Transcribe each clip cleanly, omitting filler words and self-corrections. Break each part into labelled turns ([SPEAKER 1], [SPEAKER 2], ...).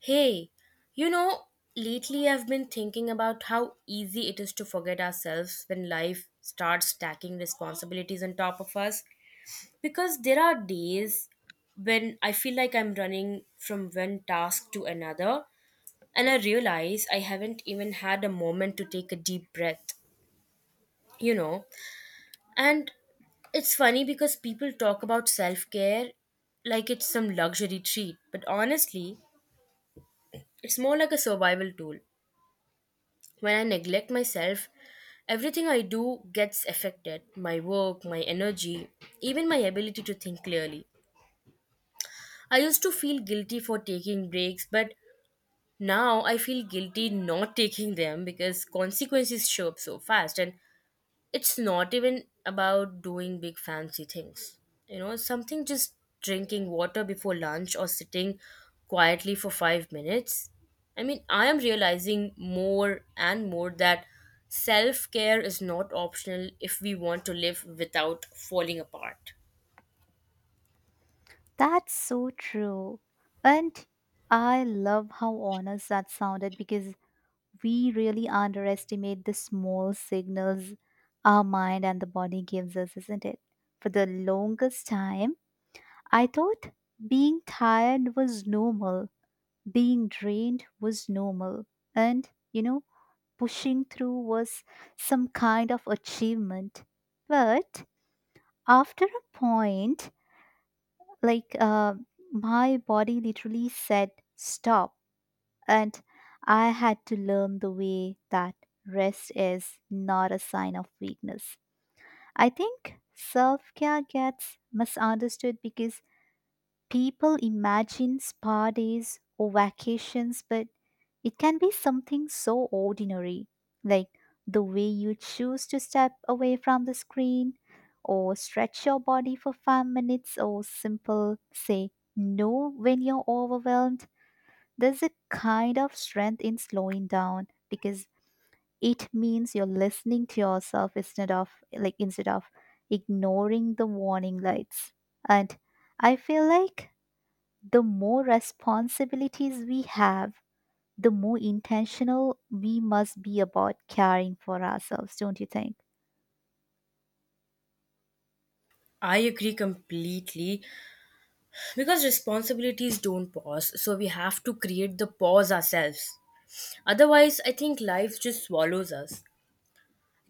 [SPEAKER 1] Hey, you know, lately I've been thinking about how easy it is to forget ourselves when life starts stacking responsibilities on top of us. Because there are days when I feel like I'm running from one task to another, and I realize I haven't even had a moment to take a deep breath, you know. And it's funny because people talk about self care like it's some luxury treat, but honestly, it's more like a survival tool. When I neglect myself, everything I do gets affected my work, my energy, even my ability to think clearly. I used to feel guilty for taking breaks, but now I feel guilty not taking them because consequences show up so fast. And it's not even about doing big fancy things. Something just drinking water before lunch or sitting quietly for 5 minutes. I mean, I am realizing more and more that self care is not optional if we want to live without falling apart.
[SPEAKER 2] That's so true. And I love how honest that sounded because we really underestimate the small signals our mind and the body gives us, isn't it? For the longest time, I thought being tired was normal, being drained was normal, and, pushing through was some kind of achievement. But after a point, Like, uh, my body literally said stop, and I had to learn the way that rest is not a sign of weakness. I think self care gets misunderstood because people imagine spa days or vacations, but it can be something so ordinary, like the way you choose to step away from the screen or stretch your body for 5 minutes or simple say no when you're overwhelmed. There's a kind of strength in slowing down because it means you're listening to yourself instead of ignoring the warning lights. And I feel like the more responsibilities we have, the more intentional we must be about caring for ourselves, don't you think?
[SPEAKER 1] I agree completely because responsibilities don't pause, so we have to create the pause ourselves. Otherwise, I think life just swallows us.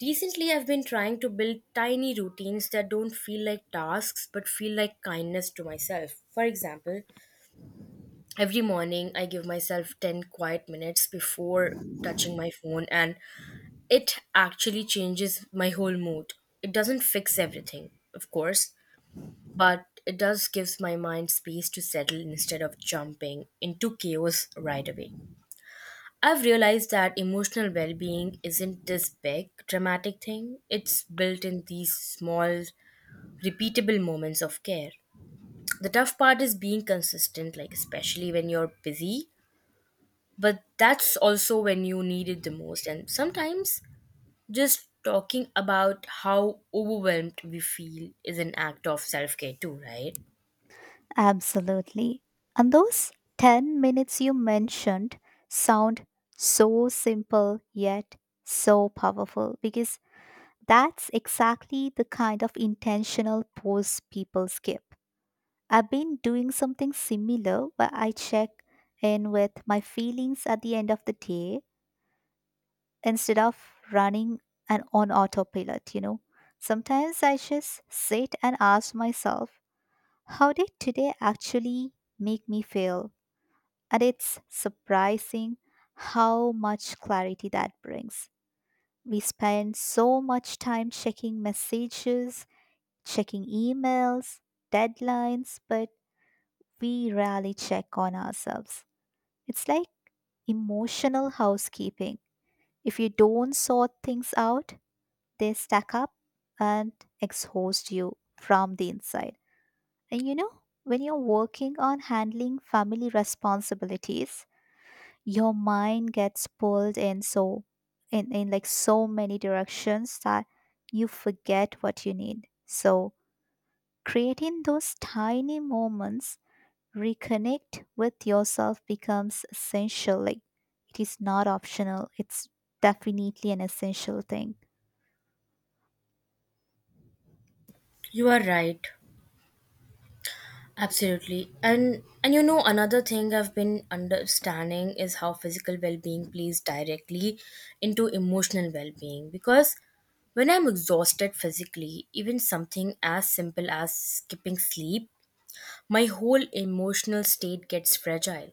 [SPEAKER 1] Recently, I've been trying to build tiny routines that don't feel like tasks but feel like kindness to myself. For example, every morning I give myself 10 quiet minutes before touching my phone, and it actually changes my whole mood. It doesn't fix everything, of course, but it does gives my mind space to settle instead of jumping into chaos right away. I've realized that emotional well being isn't this big, dramatic thing. It's built in these small, repeatable moments of care. The tough part is being consistent, like, especially when you're busy, but that's also when you need it the most. And sometimes just talking about how overwhelmed we feel is an act of self care, too, right?
[SPEAKER 2] Absolutely. And those 10 minutes you mentioned sound so simple yet so powerful because that's exactly the kind of intentional pause people skip. I've been doing something similar where I check in with my feelings at the end of the day instead of running and on autopilot, Sometimes I just sit and ask myself, how did today actually make me feel? And it's surprising how much clarity that brings. We spend so much time checking messages, checking emails, deadlines, but we rarely check on ourselves. It's like emotional housekeeping. If you don't sort things out, they stack up and exhaust you from the inside. And when you're working on handling family responsibilities, your mind gets pulled in like so many directions that you forget what you need. So creating those tiny moments reconnect with yourself becomes essential. Like it is not optional. It's definitely an essential thing.
[SPEAKER 1] You are right. Absolutely. And another thing I've been understanding is how physical well-being plays directly into emotional well-being because when I'm exhausted physically, even something as simple as skipping sleep, my whole emotional state gets fragile.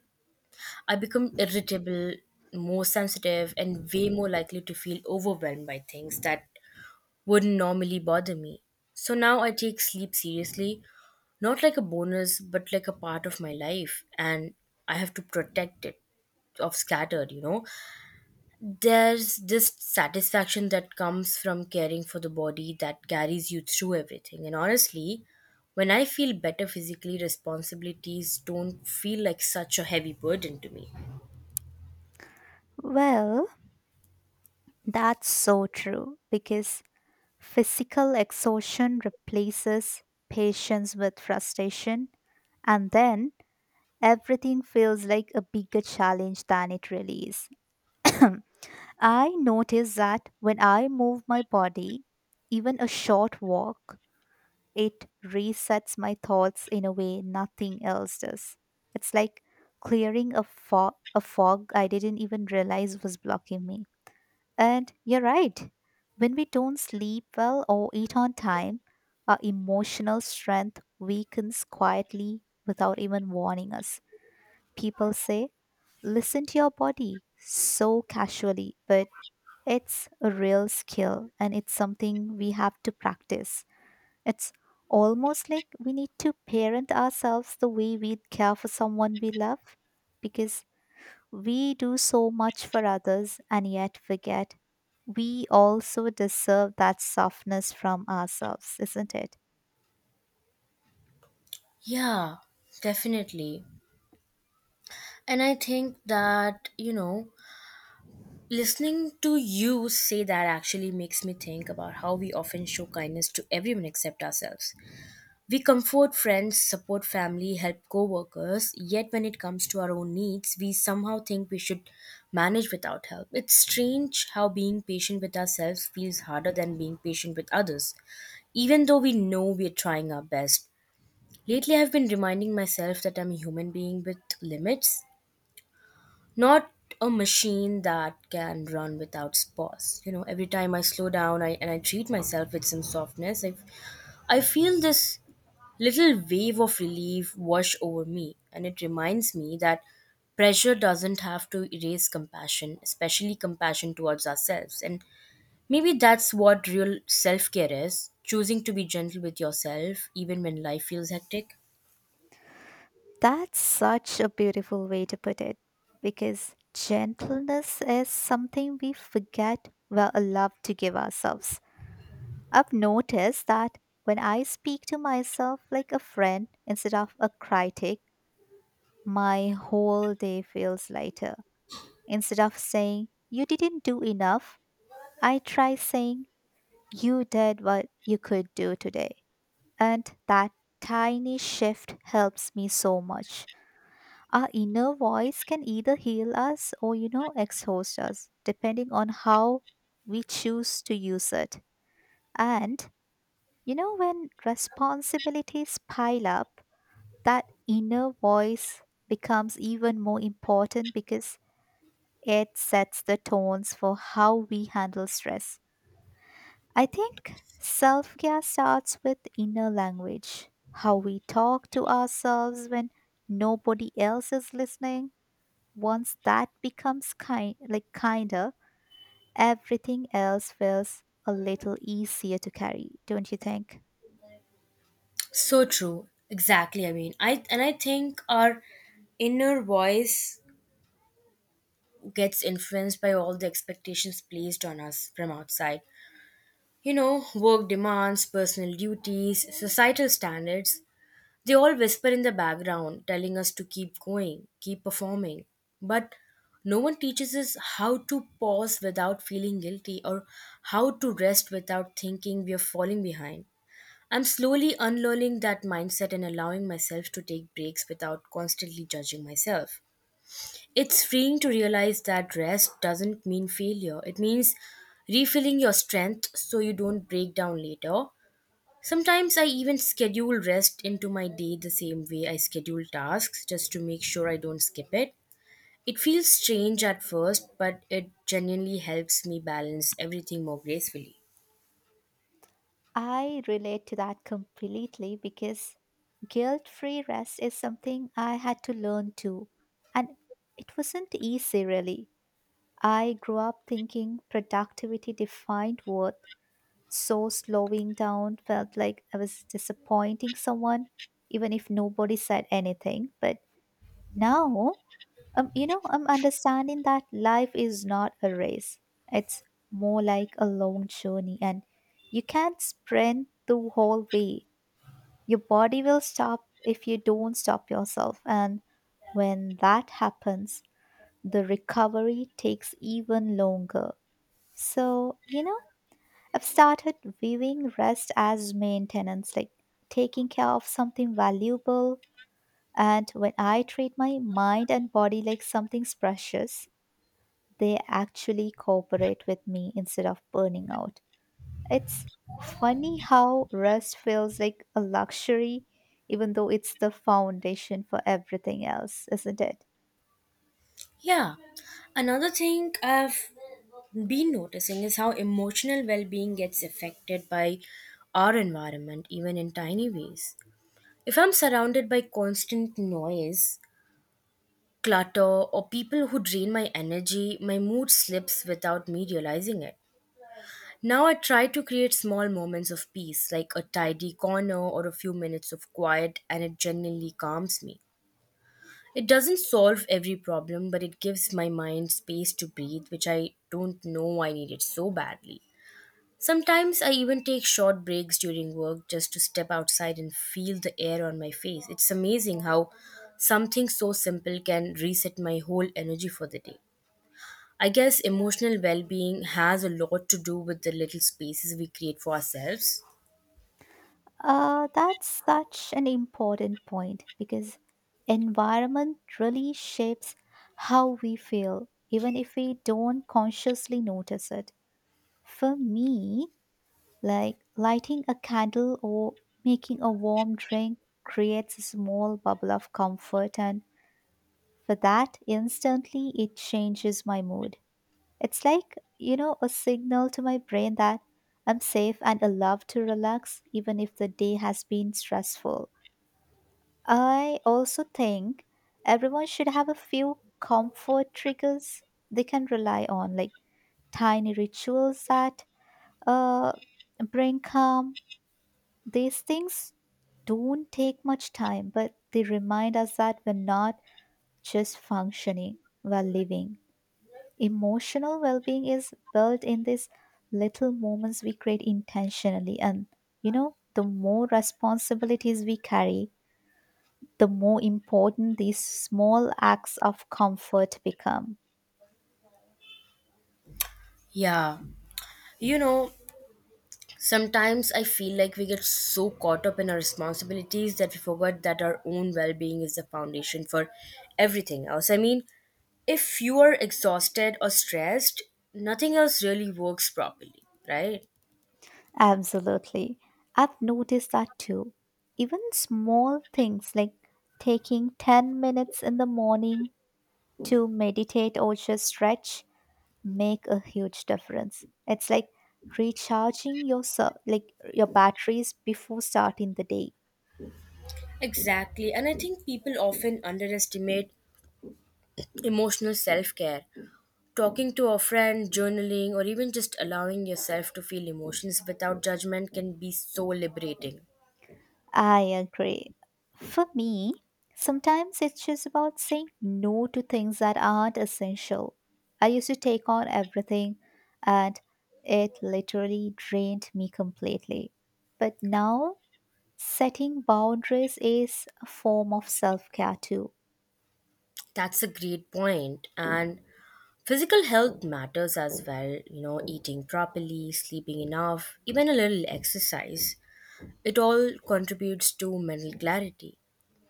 [SPEAKER 1] I become irritable, more sensitive and way more likely to feel overwhelmed by things that wouldn't normally bother me. So now I take sleep seriously, not like a bonus but like a part of my life, and I have to protect it of scattered. There's this satisfaction that comes from caring for the body that carries you through everything. And honestly, when I feel better physically, responsibilities don't feel like such a heavy burden to me.
[SPEAKER 2] Well, that's so true because physical exhaustion replaces patience with frustration, and then everything feels like a bigger challenge than it really is. I notice that when I move my body, even a short walk, it resets my thoughts in a way nothing else does. It's like clearing a fog I didn't even realize was blocking me. And you're right. When we don't sleep well or eat on time, our emotional strength weakens quietly without even warning us. People say, listen to your body so casually, but it's a real skill and it's something we have to practice. It's almost like we need to parent ourselves the way we'd care for someone we love because we do so much for others and yet forget we also deserve that softness from ourselves, isn't it?
[SPEAKER 1] Yeah, definitely. And I think that, listening to you say that actually makes me think about how we often show kindness to everyone except ourselves. We comfort friends, support family, help co workers, yet when it comes to our own needs, we somehow think we should manage without help. It's strange how being patient with ourselves feels harder than being patient with others, even though we know we're trying our best. Lately, I've been reminding myself that I'm a human being with limits, not a machine that can run without pause. You know, every time I slow down and I treat myself with some softness, I feel this little wave of relief wash over me. And it reminds me that pressure doesn't have to erase compassion, especially compassion towards ourselves. And maybe that's what real self care is, choosing to be gentle with yourself, even when life feels hectic.
[SPEAKER 2] That's such a beautiful way to put it because gentleness is something we forget we love to give ourselves. I've noticed that when I speak to myself like a friend instead of a critic, my whole day feels lighter. Instead of saying, you didn't do enough, I try saying, you did what you could do today. And that tiny shift helps me so much. Our inner voice can either heal us or, exhaust us, depending on how we choose to use it. And, when responsibilities pile up, that inner voice becomes even more important because it sets the tones for how we handle stress. I think self care starts with inner language, how we talk to ourselves when nobody else is listening. Once that becomes kinder, everything else feels a little easier to carry, don't you think?
[SPEAKER 1] So true. Exactly. I mean, I think our inner voice gets influenced by all the expectations placed on us from outside. You know, work demands, personal duties, societal standards, they all whisper in the background, telling us to keep going, keep performing. But no one teaches us how to pause without feeling guilty or how to rest without thinking we are falling behind. I'm slowly unlearning that mindset and allowing myself to take breaks without constantly judging myself. It's freeing to realize that rest doesn't mean failure. It means refilling your strength so you don't break down later. Sometimes I even schedule rest into my day the same way I schedule tasks just to make sure I don't skip it. It feels strange at first, but it genuinely helps me balance everything more gracefully.
[SPEAKER 2] I relate to that completely because guilt free rest is something I had to learn too. And it wasn't easy, really. I grew up thinking productivity defined worth. So slowing down felt like I was disappointing someone, even if nobody said anything. But now, I'm understanding that life is not a race, it's more like a long journey, and you can't sprint the whole way. Your body will stop if you don't stop yourself. And when that happens, the recovery takes even longer. So, I've started viewing rest as maintenance, like taking care of something valuable. And when I treat my mind and body like something's precious, they actually cooperate with me instead of burning out. It's funny how rest feels like a luxury, even though it's the foundation for everything else, isn't it?
[SPEAKER 1] Yeah. Another thing I've been noticing is how emotional well being gets affected by our environment, even in tiny ways. If I'm surrounded by constant noise, clutter, or people who drain my energy, my mood slips without me realizing it. Now I try to create small moments of peace, like a tidy corner or a few minutes of quiet, and it genuinely calms me. It doesn't solve every problem, but it gives my mind space to breathe, which I don't know I needed so badly. Sometimes I even take short breaks during work just to step outside and feel the air on my face. It's amazing how something so simple can reset my whole energy for the day. I guess emotional well being has a lot to do with the little spaces we create for ourselves.
[SPEAKER 2] That's such an important point because environment really shapes how we feel, even if we don't consciously notice it. For me, like lighting a candle or making a warm drink creates a small bubble of comfort, and for that, instantly it changes my mood. It's like, a signal to my brain that I'm safe and allowed to relax, even if the day has been stressful. I also think everyone should have a few comfort triggers they can rely on, like tiny rituals that uh, bring calm. These things don't take much time, but they remind us that we're not just functioning while living. Emotional well being is built in these little moments we create intentionally. And, the more responsibilities we carry, the more important these small acts of comfort become.
[SPEAKER 1] Yeah. You know, sometimes I feel like we get so caught up in our responsibilities that we forget that our own well being is the foundation for everything else. I mean, if you are exhausted or stressed, nothing else really works properly, right?
[SPEAKER 2] Absolutely. I've noticed that too. Even small things like taking 10 minutes in the morning to meditate or just stretch make a huge difference. It's like recharging your your batteries before starting the day.
[SPEAKER 1] Exactly. And I think people often underestimate emotional self care. Talking to a friend, journaling, or even just allowing yourself to feel emotions without judgment can be so liberating.
[SPEAKER 2] I agree. For me, sometimes it's just about saying no to things that aren't essential. I used to take on everything and it literally drained me completely. But now, setting boundaries is a form of self care too.
[SPEAKER 1] That's a great point. And physical health matters as well, you know, eating properly, sleeping enough, even a little exercise. It all contributes to mental clarity.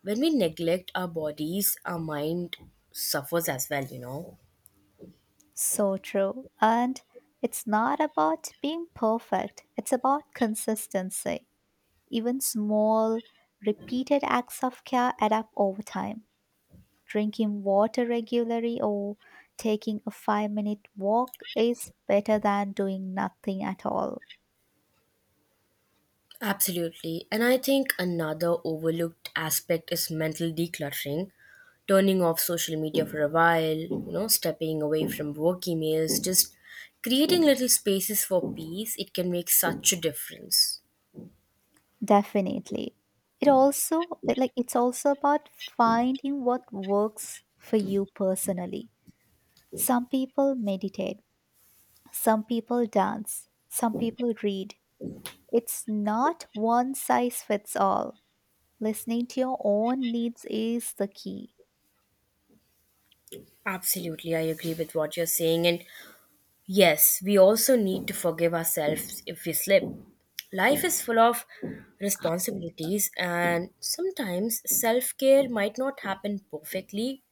[SPEAKER 1] When we neglect our bodies, our mind suffers as well, you know.
[SPEAKER 2] So true. And it's not about being perfect, it's about consistency. Even small, repeated acts of care add up over time. Drinking water regularly or taking a 5 minute walk is better than doing nothing at all.
[SPEAKER 1] Absolutely. And I think another overlooked aspect is mental decluttering, turning off social media for a while, you know, stepping away from work emails, just creating little spaces for peace. It can make such a difference.
[SPEAKER 2] Definitely. It's also about finding what works for you personally. Some people meditate, some people dance, some people read. It's not one size fits all. Listening to your own needs is the key.
[SPEAKER 1] Absolutely, I agree with what you're saying. And yes, we also need to forgive ourselves if we slip. Life is full of responsibilities, and sometimes self care might not happen perfectly.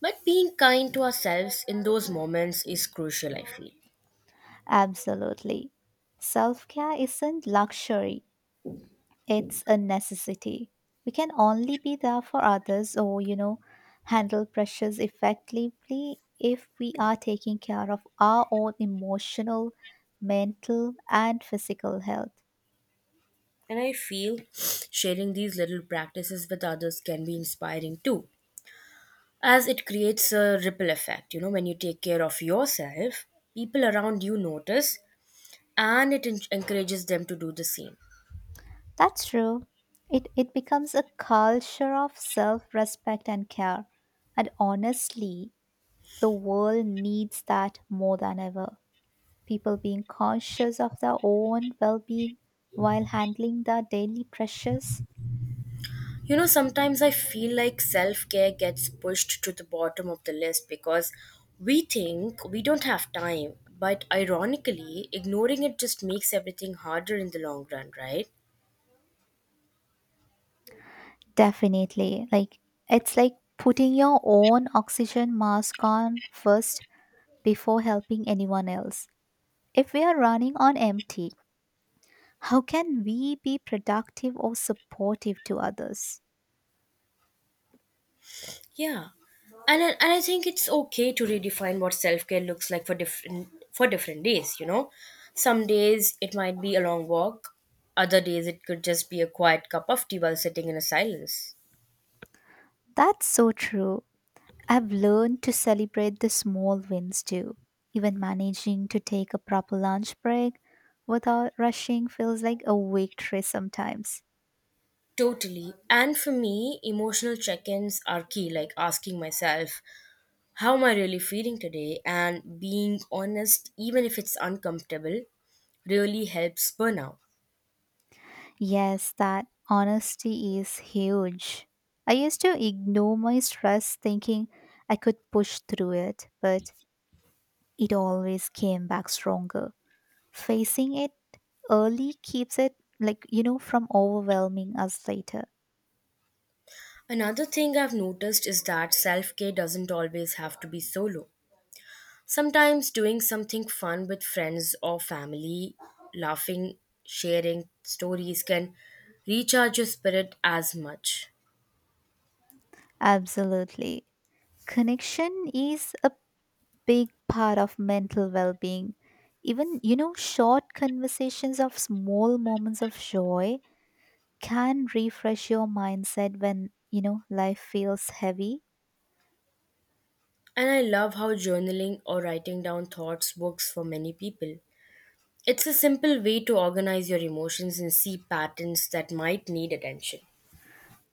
[SPEAKER 1] But being kind to ourselves in those moments is crucial, I feel.
[SPEAKER 2] Absolutely. Self care isn't luxury, it's a necessity. We can only be there for others or, handle pressures effectively if we are taking care of our own emotional, mental, and physical health.
[SPEAKER 1] And I feel sharing these little practices with others can be inspiring too, as it creates a ripple effect. You know, when you take care of yourself, people around you notice and it encourages them to do the same.
[SPEAKER 2] That's true. It becomes a culture of self respect and care. And honestly, the world needs that more than ever. People being conscious of their own well being while handling their daily pressures.
[SPEAKER 1] You know, sometimes I feel like self care gets pushed to the bottom of the list because we think we don't have time. But ironically, ignoring it just makes everything harder in the long run, right?
[SPEAKER 2] Definitely. It's like putting your own oxygen mask on first before helping anyone else. If we are running on empty, how can we be productive or supportive to others?
[SPEAKER 1] Yeah. And I think it's okay to redefine what self care looks like for different days, you know. Some days it might be a long walk, other days it could just be a quiet cup of tea while sitting in a silence.
[SPEAKER 2] That's so true. I've learned to celebrate the small wins too. Even managing to take a proper lunch break without rushing feels like a victory sometimes.
[SPEAKER 1] Totally. And for me, emotional check ins are key, like asking myself, how am I really feeling today? And being honest, even if it's uncomfortable, really helps burnout.
[SPEAKER 2] Yes, that honesty is huge. I used to ignore my stress thinking I could push through it, but it always came back stronger. Facing it early keeps it, from overwhelming us later.
[SPEAKER 1] Another thing I've noticed is that self care doesn't always have to be solo. Sometimes doing something fun with friends or family, laughing, sharing stories can recharge your spirit as much.
[SPEAKER 2] Absolutely. Connection is a big part of mental well being. Even, short conversations of small moments of joy can refresh your mindset when you know life feels heavy.
[SPEAKER 1] And I love how journaling or writing down thoughts works for many people. It's a simple way to organize your emotions and see patterns that might need attention.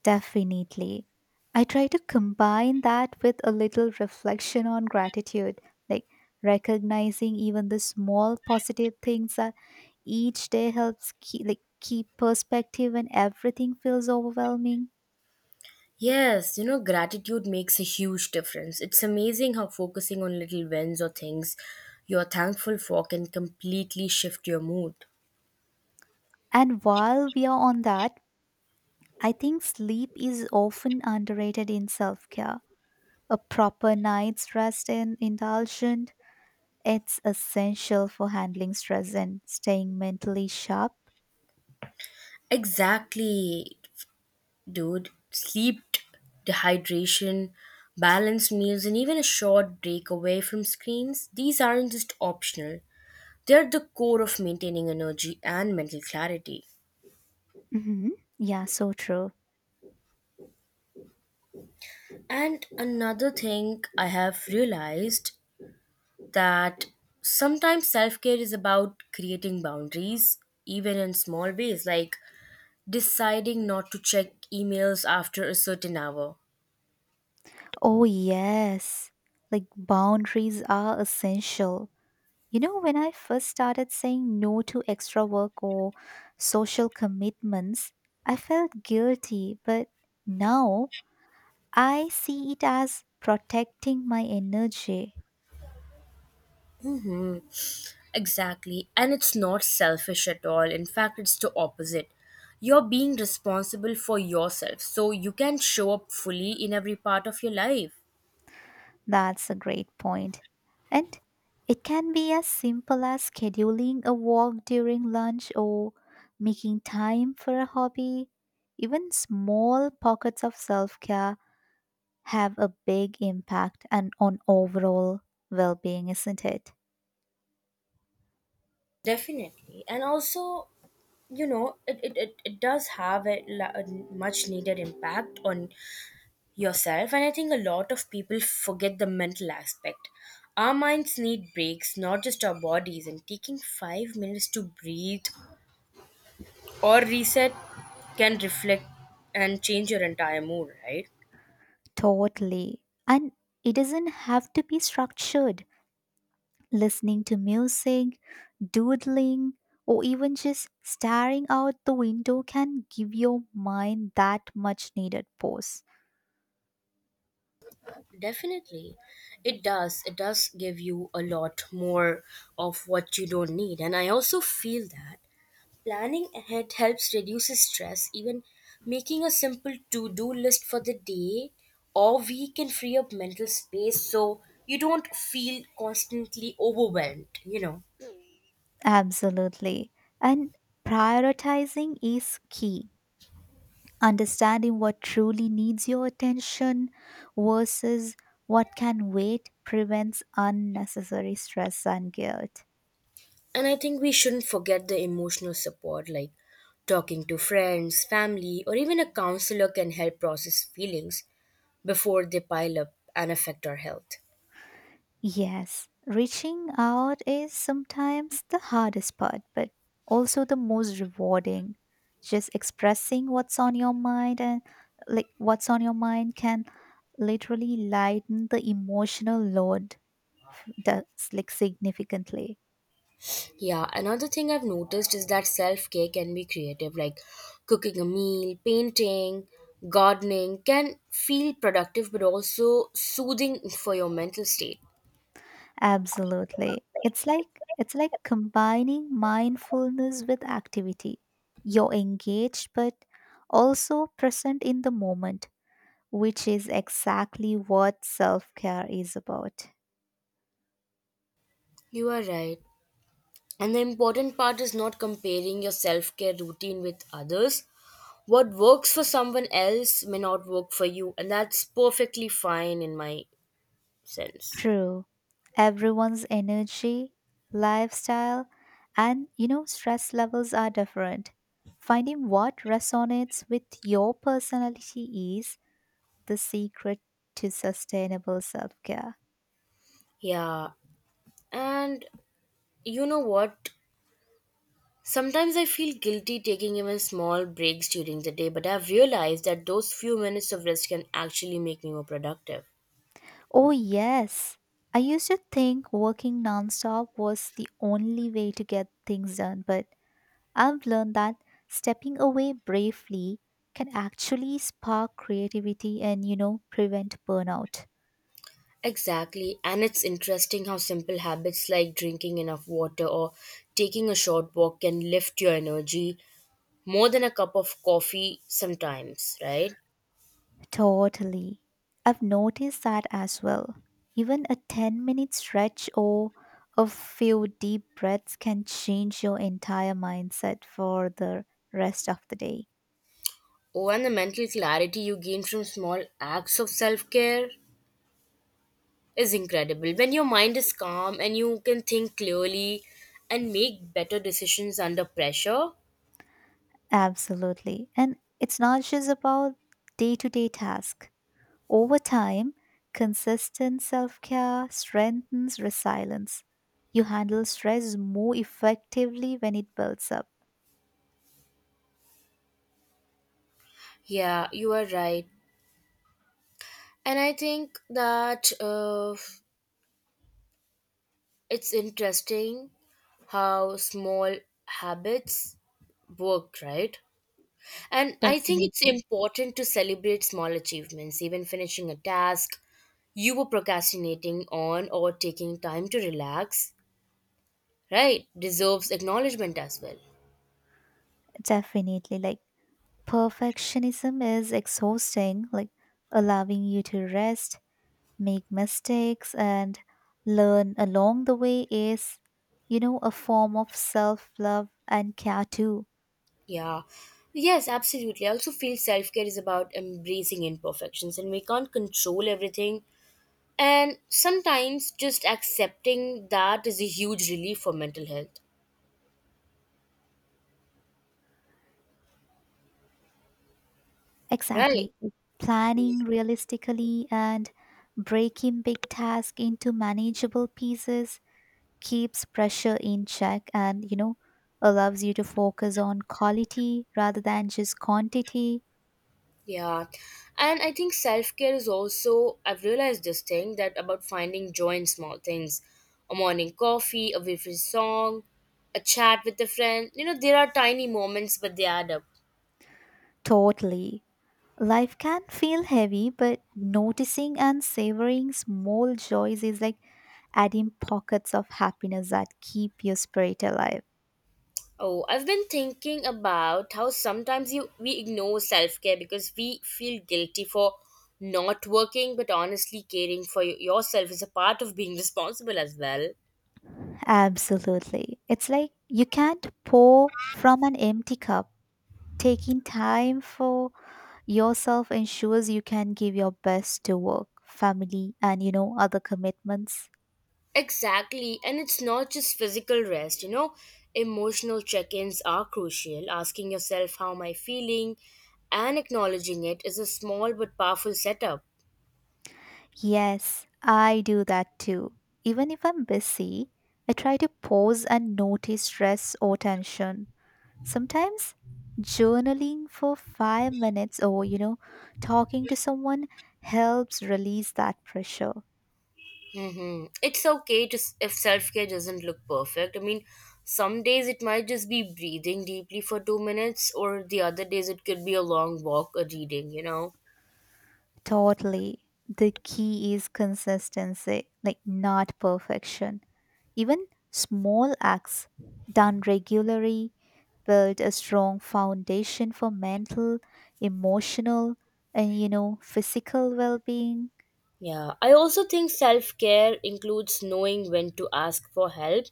[SPEAKER 2] Definitely. I try to combine that with a little reflection on gratitude, like recognizing even the small positive things that each day helps keep perspective when everything feels overwhelming.
[SPEAKER 1] Yes, you know, gratitude makes a huge difference. It's amazing how focusing on little wins or things you're thankful for can completely shift your mood.
[SPEAKER 2] And while we are on that, I think sleep is often underrated in self-care. A proper night's rest and indulgence, it's essential for handling stress and staying mentally sharp.
[SPEAKER 1] Exactly, dude. Sleep, dehydration, balanced meals, and even a short break away from screens, these aren't just optional. They're the core of maintaining energy and mental clarity.
[SPEAKER 2] hmm Yeah, so true.
[SPEAKER 1] And another thing I have realized that sometimes self care is about creating boundaries, even in small ways, like deciding not to check emails after a certain hour.
[SPEAKER 2] Oh, yes. Like boundaries are essential. When I first started saying no to extra work or social commitments, I felt guilty, but now I see it as protecting my energy.
[SPEAKER 1] hmm Exactly. And it's not selfish at all. In fact, it's the opposite. You're being responsible for yourself, so you can show up fully in every part of your life.
[SPEAKER 2] That's a great point. And it can be as simple as scheduling a walk during lunch or making time for a hobby. Even small pockets of self care have a big impact and on overall well being, isn't it?
[SPEAKER 1] Definitely. And also, it does have a much needed impact on yourself. And I think a lot of people forget the mental aspect. Our minds need breaks, not just our bodies, and taking 5 minutes to breathe or reset can reflect and change your entire mood, right?
[SPEAKER 2] Totally. And it doesn't have to be structured. Listening to music, doodling, or even just staring out the window can give your mind that much needed pause.
[SPEAKER 1] Definitely. It does. It does give you a lot more of what you don't need. And I also feel that planning ahead helps reduce stress. Even making a simple to do list for the day or week can free up mental space so you don't feel constantly overwhelmed, you know.
[SPEAKER 2] Absolutely. And prioritizing is key. Understanding what truly needs your attention versus what can wait prevents unnecessary stress and guilt.
[SPEAKER 1] And I think we shouldn't forget the emotional support like talking to friends, family, or even a counselor can help process feelings before they pile up and affect our health.
[SPEAKER 2] Yes, reaching out is sometimes the hardest part, but also the most rewarding. Just expressing what's on your mind and what's on your mind can literally lighten the emotional load that's like significantly.
[SPEAKER 1] Yeah, another thing I've noticed is that self care can be creative, like cooking a meal, painting, gardening can feel productive but also soothing for your mental state.
[SPEAKER 2] Absolutely. It's like combining mindfulness with activity. You're engaged but also present in the moment which is exactly what self care is about.
[SPEAKER 1] You are right. And the important part is not comparing your self care routine with others. What works for someone else may not work for you, and that's perfectly fine in my sense.
[SPEAKER 2] True. Everyone's energy, lifestyle, and stress levels are different. Finding what resonates with your personality is the secret to sustainable self care.
[SPEAKER 1] Yeah, and you know what? Sometimes I feel guilty taking even small breaks during the day, but I've realized that those few minutes of rest can actually make me more productive.
[SPEAKER 2] Oh, yes. I used to think working nonstop was the only way to get things done, but I've learned that stepping away bravely can actually spark creativity and, prevent burnout.
[SPEAKER 1] Exactly, and it's interesting how simple habits like drinking enough water or taking a short walk can lift your energy more than a cup of coffee sometimes, right?
[SPEAKER 2] Totally. I've noticed that as well. Even a 10-minute stretch or a few deep breaths can change your entire mindset for the rest of the day.
[SPEAKER 1] Oh, and the mental clarity you gain from small acts of self care is incredible. When your mind is calm and you can think clearly and make better decisions under pressure.
[SPEAKER 2] Absolutely. And it's not just about day to day tasks. Over time, consistent self care strengthens resilience. You handle stress more effectively when it builds up.
[SPEAKER 1] Yeah, you are right. And I think that it's interesting how small habits work, right? And I think it's
[SPEAKER 2] Definitely.
[SPEAKER 1] important to celebrate small achievements, even finishing a task you were procrastinating on or taking time to relax, right? Deserves acknowledgement as well.
[SPEAKER 2] Definitely. Like, perfectionism is exhausting, like, allowing you to rest, make mistakes, and learn along the way is, a form of self love and care too.
[SPEAKER 1] Yeah. Yes, absolutely. I also feel self care is about embracing imperfections and we can't control everything. And sometimes just accepting that is a huge relief for mental health, right?
[SPEAKER 2] Exactly. Planning realistically and breaking big tasks into manageable pieces keeps pressure in check and, allows you to focus on quality rather than just quantity.
[SPEAKER 1] Yeah. And I think self care is also, I've realized this thing that about finding joy in small things, a morning coffee, a favorite song, a chat with a friend. You know, there are tiny moments, but they add up.
[SPEAKER 2] Totally. Life can feel heavy, but noticing and savoring small joys is like adding pockets of happiness that keep your spirit alive.
[SPEAKER 1] Oh, I've been thinking about how sometimes you we ignore self-care because we feel guilty for not working, but honestly caring for yourself is a part of being responsible as well.
[SPEAKER 2] Absolutely. It's like you can't pour from an empty cup. Taking time for yourself ensures you can give your best to work, family, and other commitments.
[SPEAKER 1] Exactly, and it's not just physical rest, you know, emotional check-ins are crucial. Asking yourself how am I feeling and acknowledging it is a small but powerful setup.
[SPEAKER 2] Yes, I do that too. Even if I'm busy, I try to pause and notice stress or tension. Sometimes journaling for 5 minutes or, talking to someone helps release that pressure.
[SPEAKER 1] Mm-hmm. It's okay if self care doesn't look perfect. I mean, some days it might just be breathing deeply for 2 minutes, or the other days it could be a long walk or reading, you know?
[SPEAKER 2] Totally. The key is consistency, like not perfection. Even small acts done regularly build a strong foundation for mental, emotional, and physical well being.
[SPEAKER 1] Yeah, I also think self care includes knowing when to ask for help,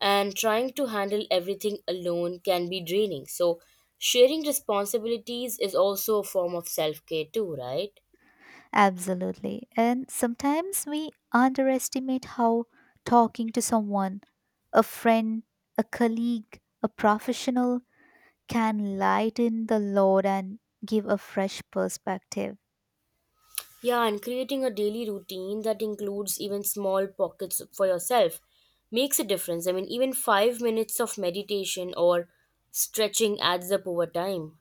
[SPEAKER 1] and trying to handle everything alone can be draining. So, sharing responsibilities is also a form of self care, too, right?
[SPEAKER 2] Absolutely. And sometimes we underestimate how talking to someone, a friend, a colleague, a professional, can lighten the load and give a fresh perspective.
[SPEAKER 1] Yeah, and creating a daily routine that includes even small pockets for yourself makes a difference. I mean, even 5 minutes of meditation or stretching adds up over time.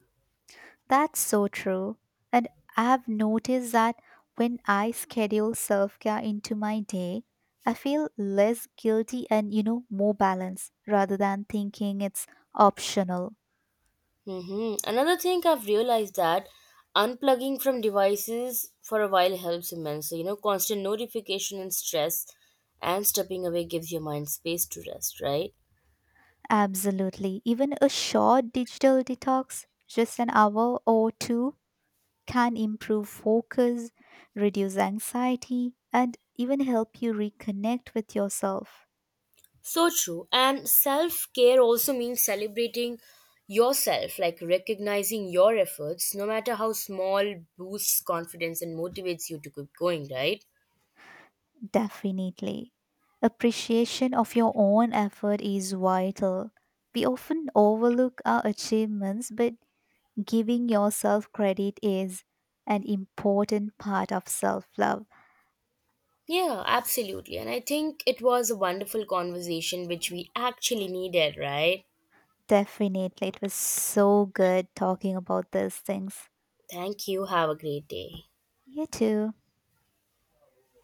[SPEAKER 2] That's so true. And I've noticed that when I schedule self care into my day, I feel less guilty and, more balanced rather than thinking it's optional.
[SPEAKER 1] Another thing I've realized that unplugging from devices for a while helps immensely. You know, constant notification and stress, and stepping away gives your mind space to rest, right?
[SPEAKER 2] Absolutely. Even a short digital detox, just an hour or two, can improve focus, reduce anxiety, and even help you reconnect with yourself.
[SPEAKER 1] So true. And self care also means celebrating yourself, like recognizing your efforts, no matter how small, boosts confidence and motivates you to keep going, right?
[SPEAKER 2] Definitely. Appreciation of your own effort is vital. We often overlook our achievements, but giving yourself credit is an important part of self love.
[SPEAKER 1] Yeah, absolutely. And I think it was a wonderful conversation, which we actually needed, right?
[SPEAKER 2] Definitely. It was so good talking about these things.
[SPEAKER 1] Thank you. Have a great day.
[SPEAKER 2] You too.